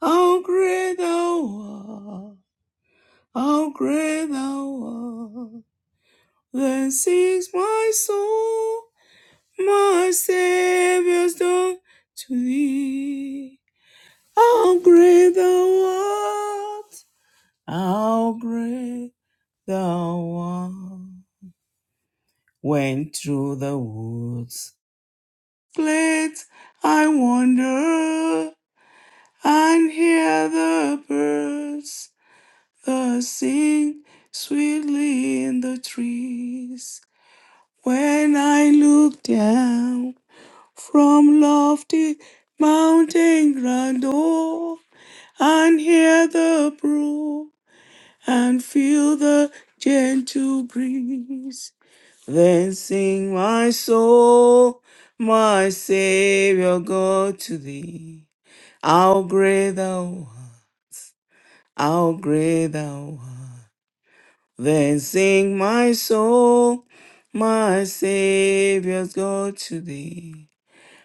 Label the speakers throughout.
Speaker 1: How great thou art, how great thou art. Then sings my soul, my Savior's done to thee. How great thou art, how great thou art. When through the woods, glades I wander and hear the birds Uh, sing sweetly in the trees. When I look down from lofty mountain grandeur and hear the brook and feel the gentle breeze, then sing my soul, my Savior God to thee. How great thou art, how great thou art. Then sing my soul, my Saviour's God to thee.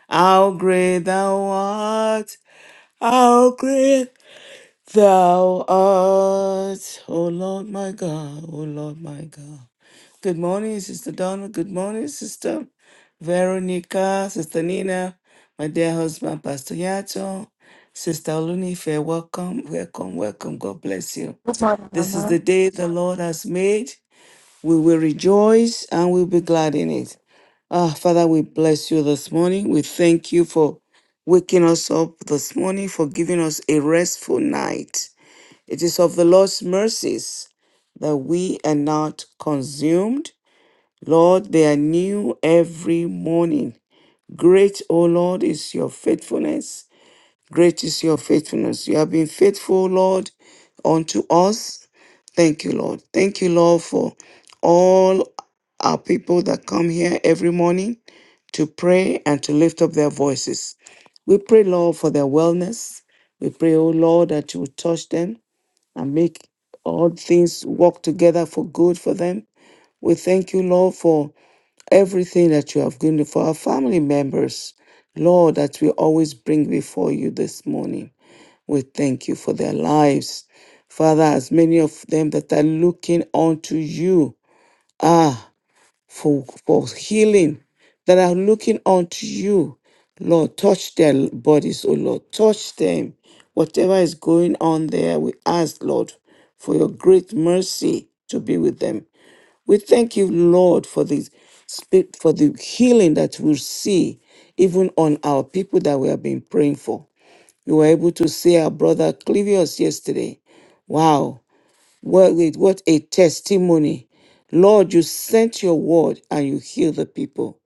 Speaker 1: How great thou art, how great thou art, O Lord my God, O Lord my God. Good morning, Sister Donna. Good morning, Sister Veronica, Sister Nina, my dear husband, Pastor Yato, Sister Olunife, welcome, welcome, welcome. God bless you.
Speaker 2: Good morning,
Speaker 1: This is
Speaker 2: Mama.
Speaker 1: the day the Lord has made. We will rejoice and we'll be glad in it. Ah, Father, we bless you this morning. We thank you for waking us up this morning, for giving us a restful night. It is of the Lord's mercies that we are not consumed. Lord, they are new every morning. Great, O Lord, is your faithfulness. Great is your faithfulness. You have been faithful, Lord, unto us. Thank you, Lord. Thank you, Lord, for all our people that come here every morning to pray and to lift up their voices. We pray, Lord, for their wellness. We pray, oh Lord, that you will touch them and make all things work together for good for them. We thank you, Lord, for everything that you have given for our family members. Lord, that we always bring before you this morning. We thank you for their lives. Father, as many of them that are looking unto you, ah, for, for healing, that are looking unto you, Lord, touch their bodies, oh Lord, touch them. Whatever is going on there, we ask, Lord, for your great mercy to be with them. We thank you, Lord, for this spi- for the healing that we see even on our people that we have been praying for. We were able to see our brother Clivius yesterday. Wow, what, wait, what a testimony. Lord, you sent your word and you healed the people.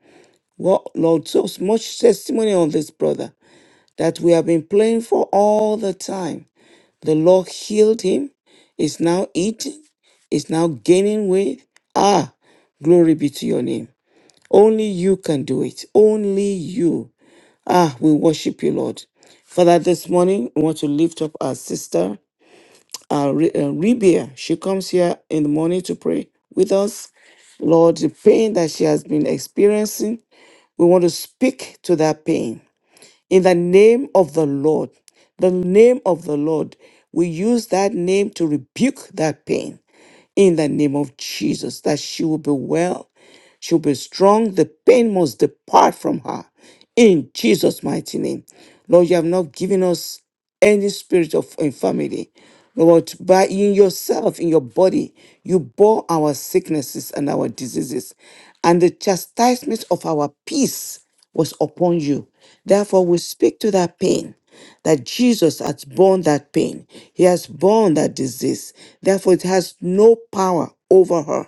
Speaker 1: What, Lord, so much testimony on this brother that we have been praying for all the time. The Lord healed him, is now eating, is now gaining weight. Ah, glory be to your name. Only you can do it. Only you. Ah, we worship you, Lord. Father, this morning we want to lift up our sister, our Re- uh, Rebia. She comes here in the morning to pray with us. Lord, the pain that she has been experiencing, we want to speak to that pain. In the name of the Lord, the name of the Lord, we use that name to rebuke that pain in the name of Jesus, that she will be well, she'll be strong, the pain must depart from her in Jesus' mighty name. Lord, you have not given us any spirit of infirmity. Lord, by in yourself, in your body, you bore our sicknesses and our diseases, and the chastisement of our peace was upon you. Therefore, we speak to that pain that Jesus has borne that pain. He has borne that disease. Therefore, it has no power over her.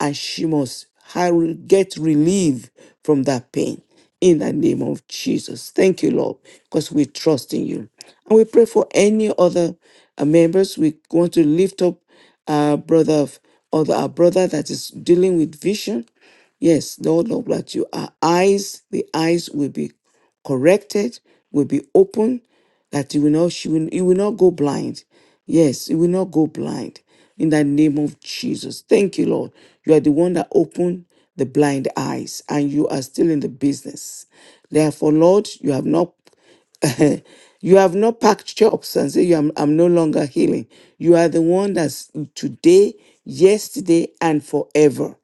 Speaker 1: And she must ha- get relief from that pain in the name of Jesus. Thank you, Lord, because we trust in you. And we pray for any other uh, members. We want to lift up our brother, of, or our brother that is dealing with vision. Yes, Lord, Lord, that you our eyes, the eyes will be corrected, will be open, that you will not she will, you will not go blind. Yes, you will not go blind in the name of Jesus. Thank you, Lord. You are the one that opened the blind eyes, and you are still in the business. Therefore, Lord, you have not. you have not packed chops and say, "You- I'm, I'm no longer healing. You are the one that's today, yesterday, and forever.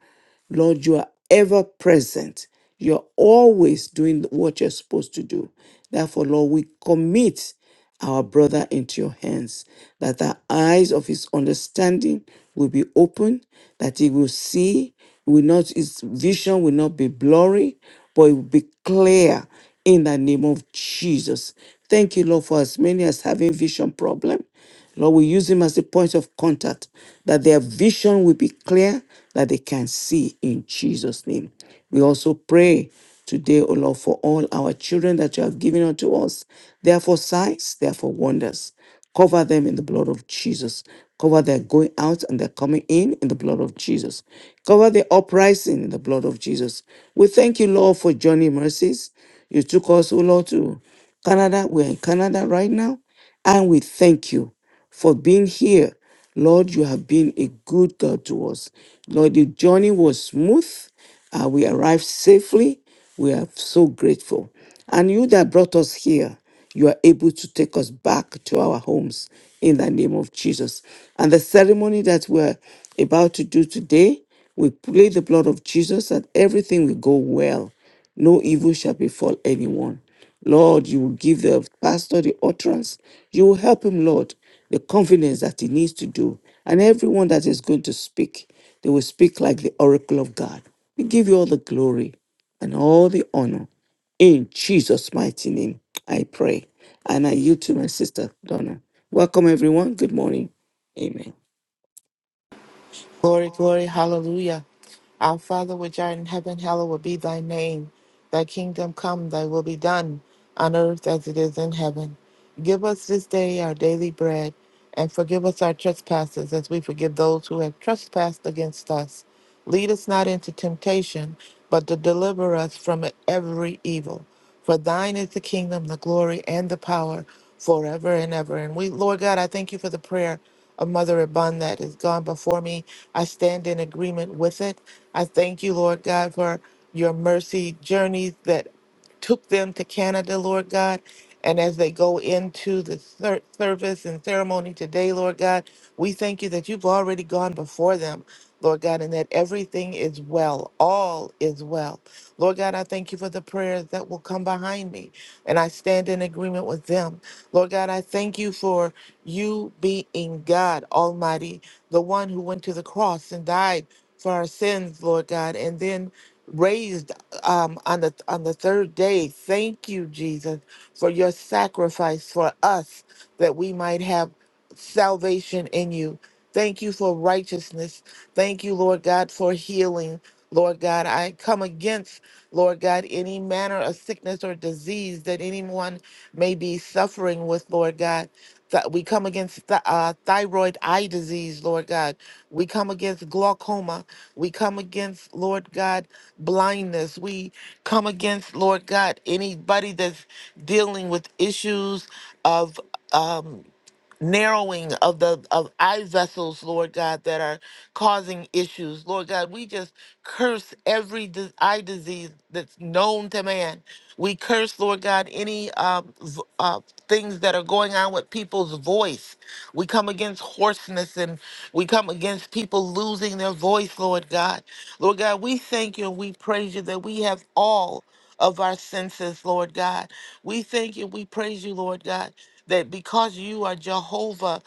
Speaker 1: Lord, you are ever present. You're always doing what you're supposed to do. Therefore, Lord, we commit our brother into your hands, that the eyes of his understanding will be open, that he will see, will not his vision will not be blurry, but it will be clear in the name of Jesus. Thank you, Lord, for as many as having vision problem. Lord, we use him as a point of contact, that their vision will be clear, that they can see in Jesus' name. We also pray today, O Lord, for all our children that you have given unto us. They are for signs, they are for wonders. Cover them in the blood of Jesus. Cover their going out and their coming in in the blood of Jesus. Cover the uprising in the blood of Jesus. We thank you, Lord, for journey mercies. You took us, O Lord, to Canada. We're in Canada right now. And we thank you for being here Lord, you have been a good God to us. Lord, the journey was smooth. Uh, we arrived safely. We are so grateful. And you that brought us here, you are able to take us back to our homes in the name of Jesus. And the ceremony that we're about to do today, we play the blood of Jesus that everything will go well. No evil shall befall anyone. Lord, you will give the pastor the utterance. You will help him, Lord, the confidence that he needs to do. And everyone that is going to speak, they will speak like the oracle of God. We give you all the glory and all the honor. In Jesus' mighty name, I pray. And I yield to my sister, Donna. Welcome, everyone. Good morning. Amen.
Speaker 3: Glory, glory, hallelujah. Our Father which art in heaven, hallowed be thy name. Thy kingdom come, thy will be done, on earth as it is in heaven. Give us this day our daily bread, and forgive us our trespasses as we forgive those who have trespassed against us. Lead us not into temptation, but to deliver us from every evil. For thine is the kingdom, the glory, and the power forever and ever. And we, Lord God, I thank you for the prayer of Mother Abund that is gone before me. I stand in agreement with it. I thank you, Lord God, for your mercy journeys that took them to Canada, Lord God. And as they go into the ser- service and ceremony today, Lord God, we thank you that you've already gone before them, Lord God, and that everything is well. All is well. Lord God, I thank you for the prayers that will come behind me, and I stand in agreement with them. Lord God, I thank you for. You be in God Almighty, the one who went to the cross and died for our sins, Lord God, and then raised um, on the on the third day. Thank you, Jesus, for your sacrifice for us that we might have salvation in you. Thank you for righteousness. Thank you, Lord God, for healing. Lord God, I come against, Lord God, any manner of sickness or disease that anyone may be suffering with, Lord God. Th- we come against th- uh, thyroid eye disease, Lord God. We come against glaucoma. We come against, Lord God, blindness. We come against, Lord God, anybody that's dealing with issues of. Um, narrowing of the of eye vessels, Lord God, that are causing issues. Lord God, we just curse every dis- eye disease that's known to man. We curse, Lord God, any um, v- uh, things that are going on with people's voice. We come against hoarseness and we come against people losing their voice, Lord God. Lord God, we thank you and we praise you that we have all of our senses, Lord God. We thank you. We praise you, Lord God that because you are Jehovah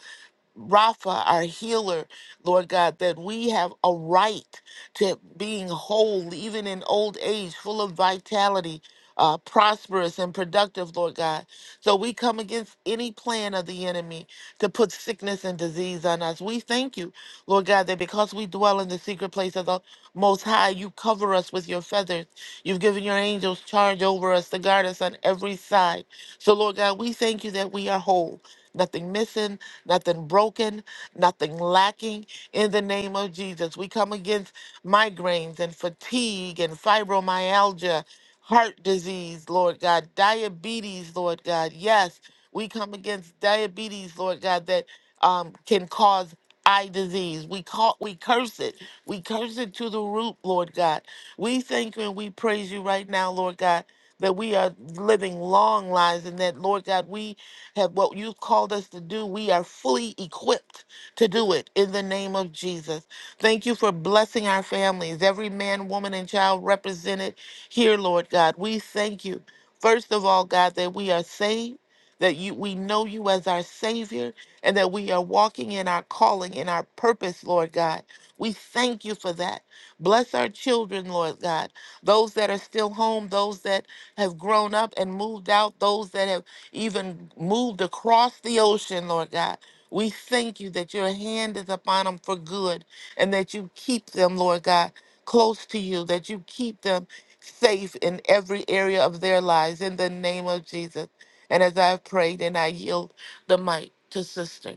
Speaker 3: Rapha, our healer, Lord God, that we have a right to being whole, even in old age, full of vitality, uh, prosperous and productive, Lord God. So we come against any plan of the enemy to put sickness and disease on us. We thank you, Lord God, that because we dwell in the secret place of the Most High, you cover us with your feathers. You've given your angels charge over us to guard us on every side. So, Lord God, we thank you that we are whole, nothing missing nothing broken, nothing lacking. In the name of Jesus, we come against migraines and fatigue and fibromyalgia, heart disease, Lord God, diabetes, Lord God. Yes, we come against diabetes, Lord God, that um, can cause eye disease. We call we curse it. We curse it to the root, Lord God. We thank you and we praise you right now, Lord God, that we are living long lives and that, Lord God, we have what you've called us to do. We are fully equipped to do it in the name of Jesus. Thank you for blessing our families, every man, woman, and child represented here, Lord God. We thank you, first of all, God, that we are saved. That you, we know you as our Savior, and that we are walking in our calling, in our purpose, Lord God. We thank you for that. Bless our children, Lord God. Those that are still home, those that have grown up and moved out, those that have even moved across the ocean, Lord God. We thank you that your hand is upon them for good and that you keep them, Lord God, close to you, that you keep them safe in every area of their lives in the name of Jesus. And as I have prayed and I yield the mic to sister,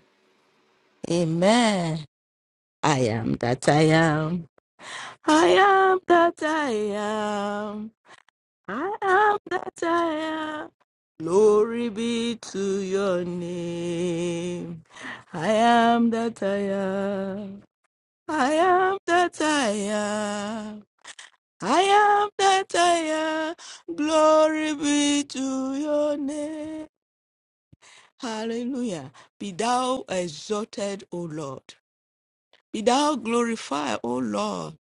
Speaker 2: Amen. I am that I am. I am that I am. I am that I am. Glory be to your name. I am that I am. I am that I am. I am that I am. Glory be to your name. Hallelujah. Be thou exalted, O Lord. Be thou glorified, O Lord.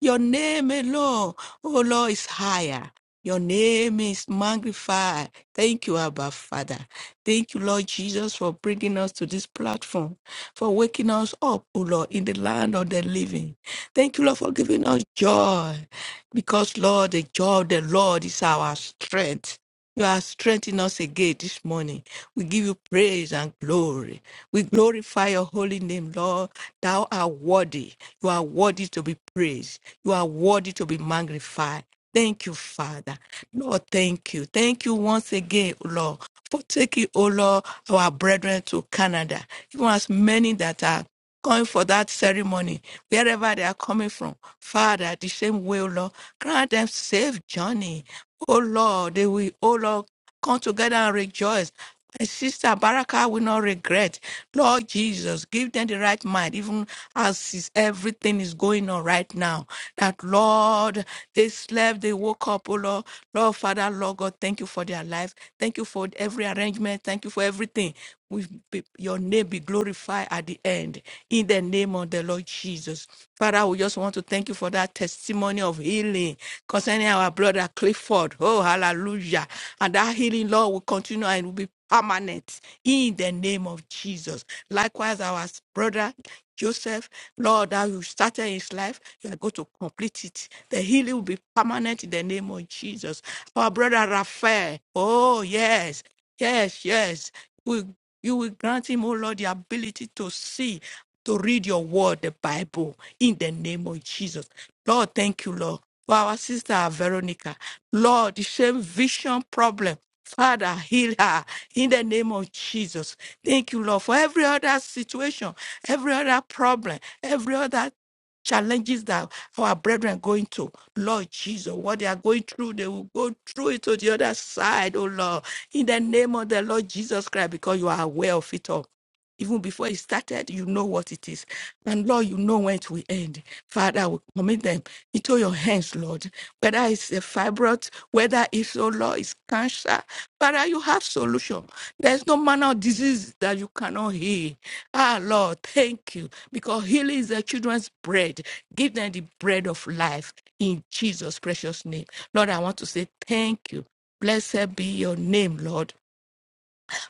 Speaker 2: Your name alone, O Lord, is higher. Your name is magnified. Thank you, Abba Father. Thank you, Lord Jesus, for bringing us to this platform, for waking us up, O Lord, in the land of the living. Thank you, Lord, for giving us joy, because, Lord, the joy of the Lord is our strength. You are strengthening us again this morning. We give you praise and glory. We glorify your holy name, Lord. Thou art worthy. You are worthy to be praised. You are worthy to be magnified. Thank you, Father. Lord, thank you. Thank you once again, Lord, for taking, O Lord, our brethren to Canada. Even as many that are going for that ceremony, wherever they are coming from. Father, the same way, O Lord, grant them safe journey. O Lord, they will, O Lord, come together and rejoice. My sister Baraka will not regret. Lord Jesus, give them the right mind, even as is, everything is going on right now. That Lord, they slept, they woke up, oh Lord. Lord, Father, Lord God, thank you for their life. Thank you for every arrangement. Thank you for everything we be, your name be glorified at the end in the name of the Lord Jesus. Father, we just want to thank you for that testimony of healing concerning our brother Clifford. Oh, hallelujah. And that healing, Lord, will continue and will be permanent in the name of Jesus. Likewise, our brother Joseph, Lord, that you started his life, you are going to complete it. The healing will be permanent in the name of Jesus. Our brother Raphael, oh, yes, yes, yes. You will grant him, oh Lord, the ability to see, to read your word, the Bible, in the name of Jesus. Lord, thank you, Lord, for our sister Veronica. Lord, the same vision problem. Father, heal her in the name of Jesus. Thank you, Lord, for every other situation, every other problem, every other challenges that our brethren going to. Lord Jesus, what they are going through, they will go through it to the other side, oh Lord in the name of the Lord Jesus Christ because you are aware of it all. Even before it started, you know what it is. And Lord, you know when it will end. Father, we commit them into your hands, Lord. Whether it's a fibroid, whether it's, oh Lord, it's cancer. Father, you have solution. There's no manner of disease that you cannot heal. Ah, Lord, thank you. Because healing is the children's bread. Give them the bread of life in Jesus' precious name. Lord, I want to say thank you. Blessed be your name, Lord,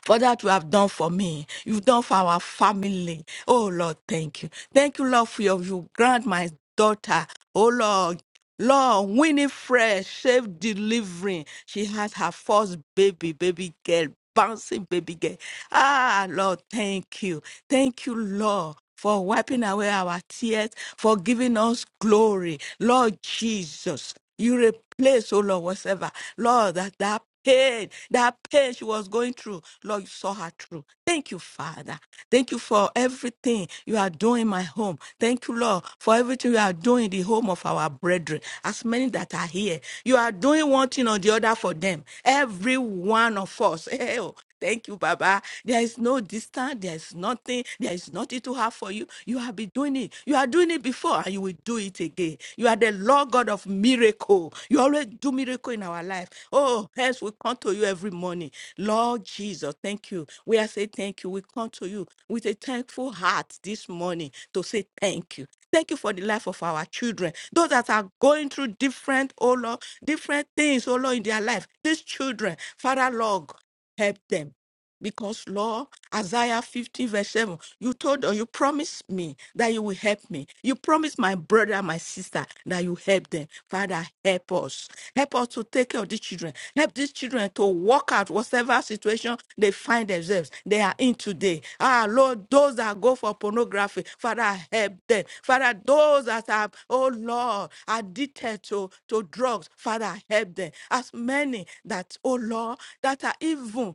Speaker 2: for that you have done for me. You've done for our family. Oh, Lord, thank you. Thank you, Lord, for your you grant my daughter. Oh, Lord. Lord, Winifred, safe delivering. She had her first baby, baby girl, bouncing baby girl. Ah, Lord, thank you. Thank you, Lord for wiping away our tears, for giving us glory. Lord Jesus, you replace, oh Lord, whatever. Lord, that, that pain, that pain she was going through, Lord, you saw her through. Thank you, Father. Thank you for everything you are doing in my home. Thank you, Lord, for everything you are doing in the home of our brethren, as many that are here. You are doing one thing or the other for them. Every one of us. hey, oh, Thank you, Baba. There is no distance. There is nothing. There is nothing to have for you. You have been doing it. You are doing it before, and you will do it again. You are the Lord God of miracle. You always do miracle in our life. Oh, hence we come to you every morning. Lord Jesus, thank you. We are saying thank you. We come to you with a thankful heart this morning to say thank you. Thank you for the life of our children, those that are going through different, oh Lord, different things, oh Lord, in their life. These children, Father Lord, help them. Because, Lord, Isaiah 50, verse 7, you told or you promised me that you will help me. You promised my brother and my sister that you help them. Father, help us. Help us to take care of these children. Help these children to walk out whatever situation they find themselves. They are in today. Ah, Lord, those that go for pornography, Father, help them. Father, those that are, oh Lord, addicted to, to drugs, Father, help them. As many that, oh Lord, that are even,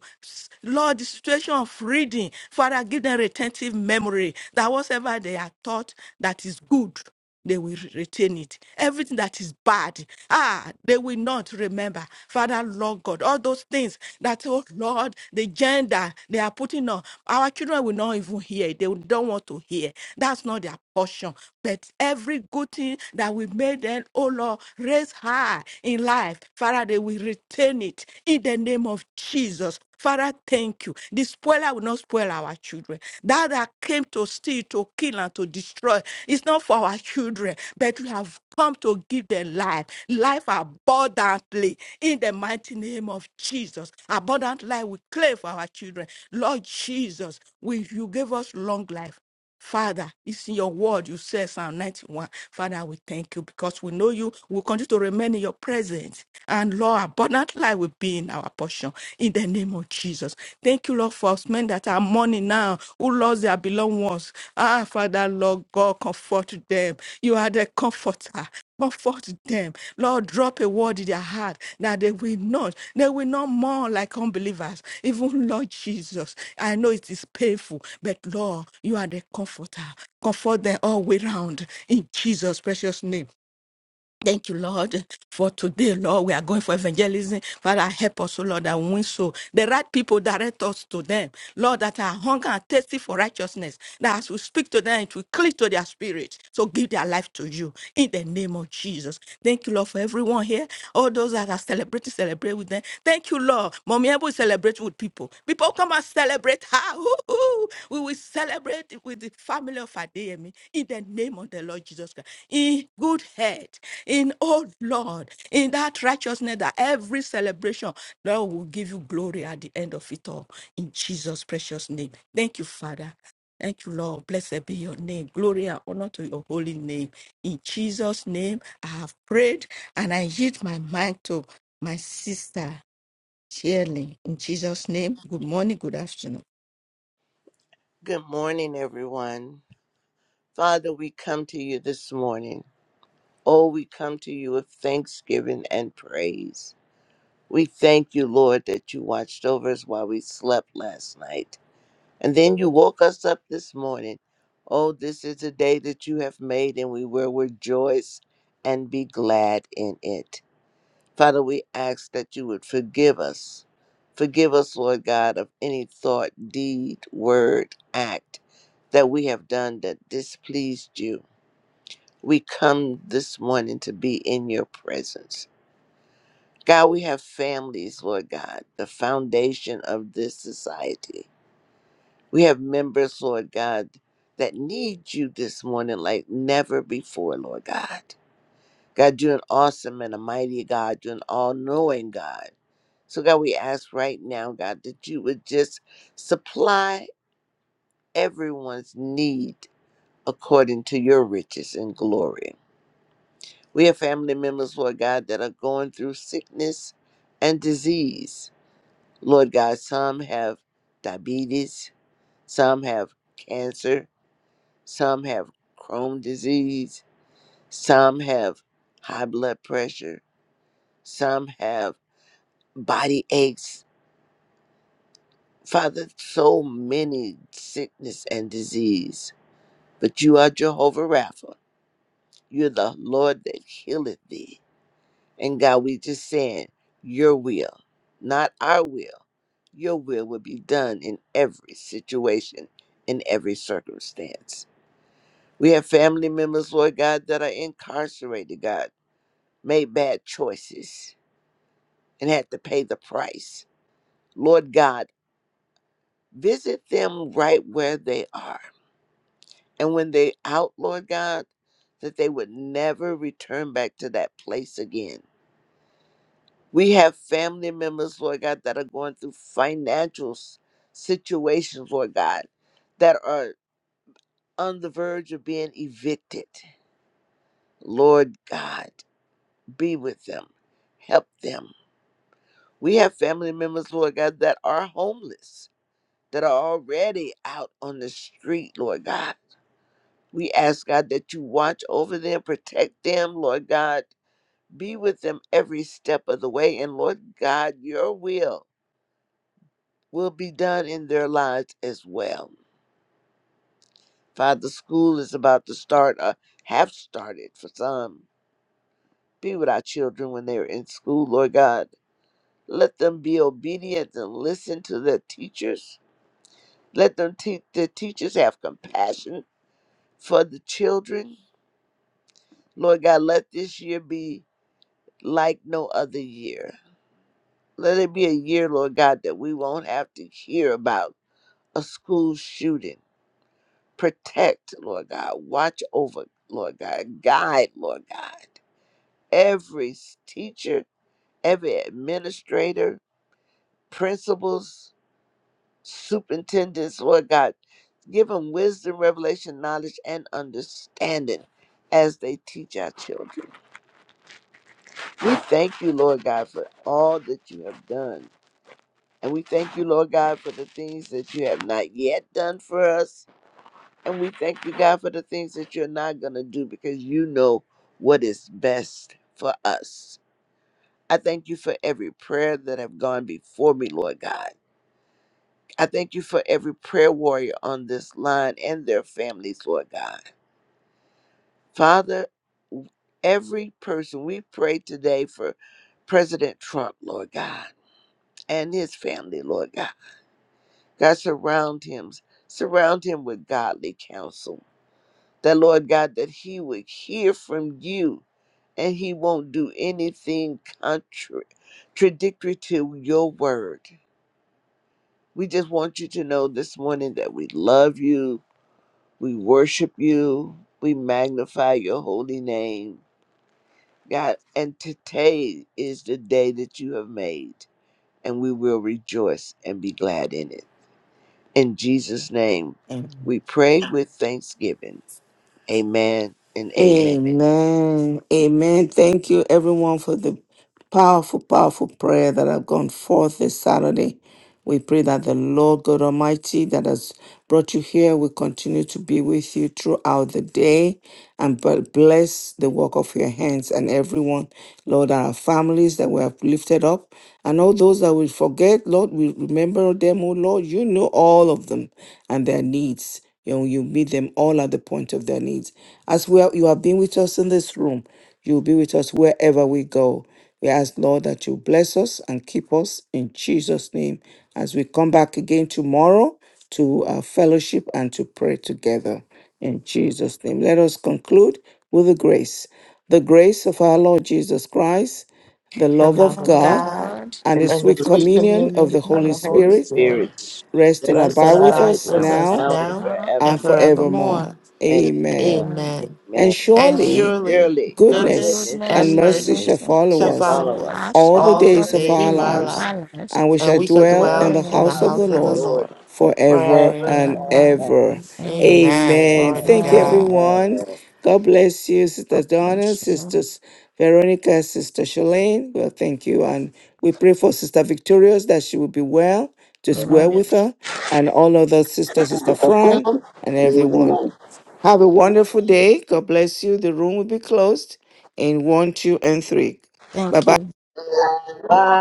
Speaker 2: Lord, the situation of reading. Father, give them retentive memory that whatever they are taught that is good, they will retain it. Everything that is bad, ah, they will not remember. Father, Lord God, all those things that, oh Lord, the gender they are putting on, our children will not even hear. it. They don't want to hear. That's not their portion. But every good thing that we made them, oh Lord, raise high in life. Father, they will retain it in the name of Jesus. Father, thank you. The spoiler will not spoil our children. That that came to steal, to kill, and to destroy. It's not for our children, but we have come to give them life, life abundantly in the mighty name of Jesus. Abundant life we claim for our children. Lord Jesus, we, you gave us long life. Father, it's in your word. You said Psalm 91. Father, we thank you because we know you. We continue to remain in your presence. And Lord, abundant life will be in our portion. In the name of Jesus. Thank you, Lord, for us men that are mourning now, who lost their beloved ones. Ah, Father, Lord God, comfort them. You are the comforter. Comfort them. Lord, drop a word in their heart that they will not, they will not mourn like unbelievers. Even Lord Jesus, I know it is painful, but Lord, you are the comforter. Comfort them all way round in Jesus' precious name. Thank you, Lord, for today, Lord. We are going for evangelism. Father, help us, O Lord, that we win so. The right people direct us to them. Lord, that are hunger and thirsty for righteousness. That as we speak to them, it will cling to their spirit. So give their life to you in the name of Jesus. Thank you, Lord, for everyone here. All those that are celebrating, celebrating celebrate with them. Thank you, Lord. Mommy Ebu will celebrate with people. People come and celebrate her. Ooh, ooh. We will celebrate with the family of Adeyemi in the name of the Lord Jesus Christ. In good health, in oh Lord, in that righteousness that every celebration, Lord will give you glory at the end of it all. In Jesus' precious name. Thank you, Father. Thank you, Lord. Blessed be your name. Glory and honor to your holy name. In Jesus' name, I have prayed and I yield my mind to my sister Shirley. In Jesus' name, good morning, good afternoon.
Speaker 4: Good morning, everyone. Father, we come to you this morning. Oh, we come to you with thanksgiving and praise. We thank you, Lord, that you watched over us while we slept last night. And then you woke us up this morning. Oh, this is a day that you have made, and we will rejoice and be glad in it. Father, we ask that you would forgive us. Forgive us, Lord God, of any thought, deed, word, act that we have done that displeased you. We come this morning to be in your presence. God, we have families, Lord God, the foundation of this society. We have members, Lord God, that need you this morning like never before, Lord God. God, you're an awesome and a mighty God. You're an all knowing God. So, God, we ask right now, God, that you would just supply everyone's need according to your riches and glory. We have family members, Lord God, that are going through sickness and disease. Lord God, some have diabetes, some have cancer, some have Crohn's disease, some have high blood pressure, some have body aches. Father, so many sickness and disease. But you are Jehovah Rapha. You're the Lord that healeth thee. And God, we just saying, your will, not our will, your will will be done in every situation, in every circumstance. We have family members, Lord God, that are incarcerated, God, made bad choices and had to pay the price. Lord God, visit them right where they are And when they out, Lord God, that they would never return back to that place again. We have family members, Lord God, that are going through financial s- situations, Lord God, that are on the verge of being evicted. Lord God, be with them, help them. We have family members, Lord God, that are homeless, that are already out on the street, Lord God. We ask, God, that you watch over them, protect them, Lord God Be with them every step of the way. And Lord God, your will will be done in their lives as well. Father, school is about to start, or have started for some. Be with our children when they are in school, Lord God. Let them be obedient and listen to their teachers. Let them te- their teachers have compassion for the children. Lord God, let this year be like no other year. Let it be a year, Lord God, that we won't have to hear about a school shooting. Protect, Lord God. Watch over, Lord God. Guide, Lord God. Every s- teacher, every administrator, principals, superintendents, Lord God. Give them wisdom, revelation, knowledge, and understanding as they teach our children. We thank you, Lord God, for all that you have done. And we thank you, Lord God, for the things that you have not yet done for us And we thank you, God, for the things that you're not going to do because you know what is best for us. I thank you for every prayer that have gone before me, Lord God. I thank you for every prayer warrior on this line and their families, Lord God. Father, every person we pray today for President Trump, Lord God, and his family, Lord God. God, surround him. Surround him with godly counsel that Lord God, that he would hear from you and he won't do anything contra- contradictory to your word. We just want you to know this morning that we love you, we worship you, we magnify your holy name, God. And today is the day that you have made, and we will rejoice and be glad in it. In Jesus' name,
Speaker 1: Amen.
Speaker 4: we pray with thanksgiving. Amen and amen.
Speaker 1: Amen. Amen. Thank you, everyone, for the powerful, powerful prayer that have gone forth this Saturday. We pray that the Lord God Almighty that has brought you here will continue to be with you throughout the day and b- bless the work of your hands and everyone, Lord, our families that we have lifted up and all those that we forget, Lord, we remember them, oh Lord, you know all of them and their needs. You know, you meet them all at the point of their needs. As well, you have been with us in this room. You'll be with us wherever we go. We ask, Lord, that you bless us and keep us in Jesus' name as we come back again tomorrow to uh, fellowship and to pray together in Jesus' name. Let us conclude with the grace. The grace of our Lord Jesus Christ, the
Speaker 3: the
Speaker 1: love
Speaker 3: love
Speaker 1: of
Speaker 3: of
Speaker 2: Oh,
Speaker 1: God,
Speaker 3: God
Speaker 2: thank
Speaker 1: and
Speaker 4: In
Speaker 1: the
Speaker 4: the
Speaker 3: and the
Speaker 1: sweet
Speaker 3: sweet
Speaker 2: you.
Speaker 1: communion of
Speaker 3: communion
Speaker 1: the
Speaker 3: of
Speaker 1: Holy
Speaker 3: the Holy
Speaker 1: Spirit
Speaker 4: spirit.
Speaker 3: Spirit
Speaker 1: rest and
Speaker 4: Bless and
Speaker 3: rest
Speaker 1: abide
Speaker 3: and
Speaker 2: Mercy,
Speaker 1: with
Speaker 4: abide
Speaker 3: abide
Speaker 4: with
Speaker 1: us
Speaker 2: knowledge,
Speaker 3: with
Speaker 4: us
Speaker 3: us
Speaker 1: now
Speaker 4: now and
Speaker 3: now
Speaker 2: now of
Speaker 3: and
Speaker 1: and
Speaker 4: forevermore.
Speaker 2: my
Speaker 3: forevermore.
Speaker 1: forevermore.
Speaker 4: Amen.
Speaker 1: Amen.
Speaker 2: own
Speaker 3: Amen.
Speaker 4: Amen.
Speaker 1: And
Speaker 3: And
Speaker 4: And
Speaker 1: surely
Speaker 2: sharing.
Speaker 3: surely
Speaker 4: surely
Speaker 2: God's
Speaker 3: goodness
Speaker 1: Goodness
Speaker 4: goodness and
Speaker 2: goodness
Speaker 1: and
Speaker 3: and
Speaker 2: and
Speaker 1: mercy
Speaker 4: mercy
Speaker 3: mercy
Speaker 1: shall
Speaker 2: mercy
Speaker 1: follow
Speaker 3: shall
Speaker 4: shall
Speaker 1: us
Speaker 2: all
Speaker 3: follow
Speaker 2: of
Speaker 4: follow
Speaker 3: us
Speaker 4: us
Speaker 2: us,
Speaker 1: all the
Speaker 3: all
Speaker 4: all
Speaker 3: the
Speaker 2: all
Speaker 4: the
Speaker 1: days
Speaker 2: the
Speaker 1: of
Speaker 3: days
Speaker 1: our
Speaker 4: days
Speaker 3: of
Speaker 2: days
Speaker 4: of
Speaker 3: our
Speaker 2: of
Speaker 4: our
Speaker 1: lives,
Speaker 4: life.
Speaker 3: life,
Speaker 2: our lives,
Speaker 1: and we
Speaker 3: and
Speaker 1: shall
Speaker 4: We
Speaker 3: we shall
Speaker 4: shall
Speaker 1: dwell in
Speaker 3: dwell
Speaker 4: dwell
Speaker 1: the
Speaker 2: wherever
Speaker 4: in
Speaker 3: in
Speaker 4: the
Speaker 3: the
Speaker 1: house
Speaker 4: house
Speaker 1: of
Speaker 2: we
Speaker 1: the
Speaker 4: of
Speaker 3: house of
Speaker 4: the
Speaker 3: the
Speaker 1: Lord
Speaker 2: pass,
Speaker 4: Lord
Speaker 3: Lord forever
Speaker 1: forever
Speaker 3: and
Speaker 4: ever
Speaker 1: and
Speaker 3: ever.
Speaker 4: and
Speaker 2: forever and
Speaker 4: ever.
Speaker 1: ever.
Speaker 2: ever.
Speaker 3: Amen.
Speaker 1: Amen.
Speaker 3: Glory to
Speaker 4: Amen.
Speaker 1: Thank you,
Speaker 3: God.
Speaker 2: Amen.
Speaker 1: everyone. God bless you, Sister Donna,
Speaker 2: Bless you.
Speaker 1: Sisters Veronica, Sister Shalane. Well, thank you. And we pray for Sister Victorious that she will be well, just well
Speaker 2: Amen.
Speaker 4: Amen.
Speaker 1: with her, and all other sisters, Sister Fran, and everyone. Have a
Speaker 4: Amen.
Speaker 1: wonderful day. God bless you. The room will be closed in one, two, and three. Bye
Speaker 2: Thank
Speaker 1: bye.
Speaker 2: you.
Speaker 4: Bye.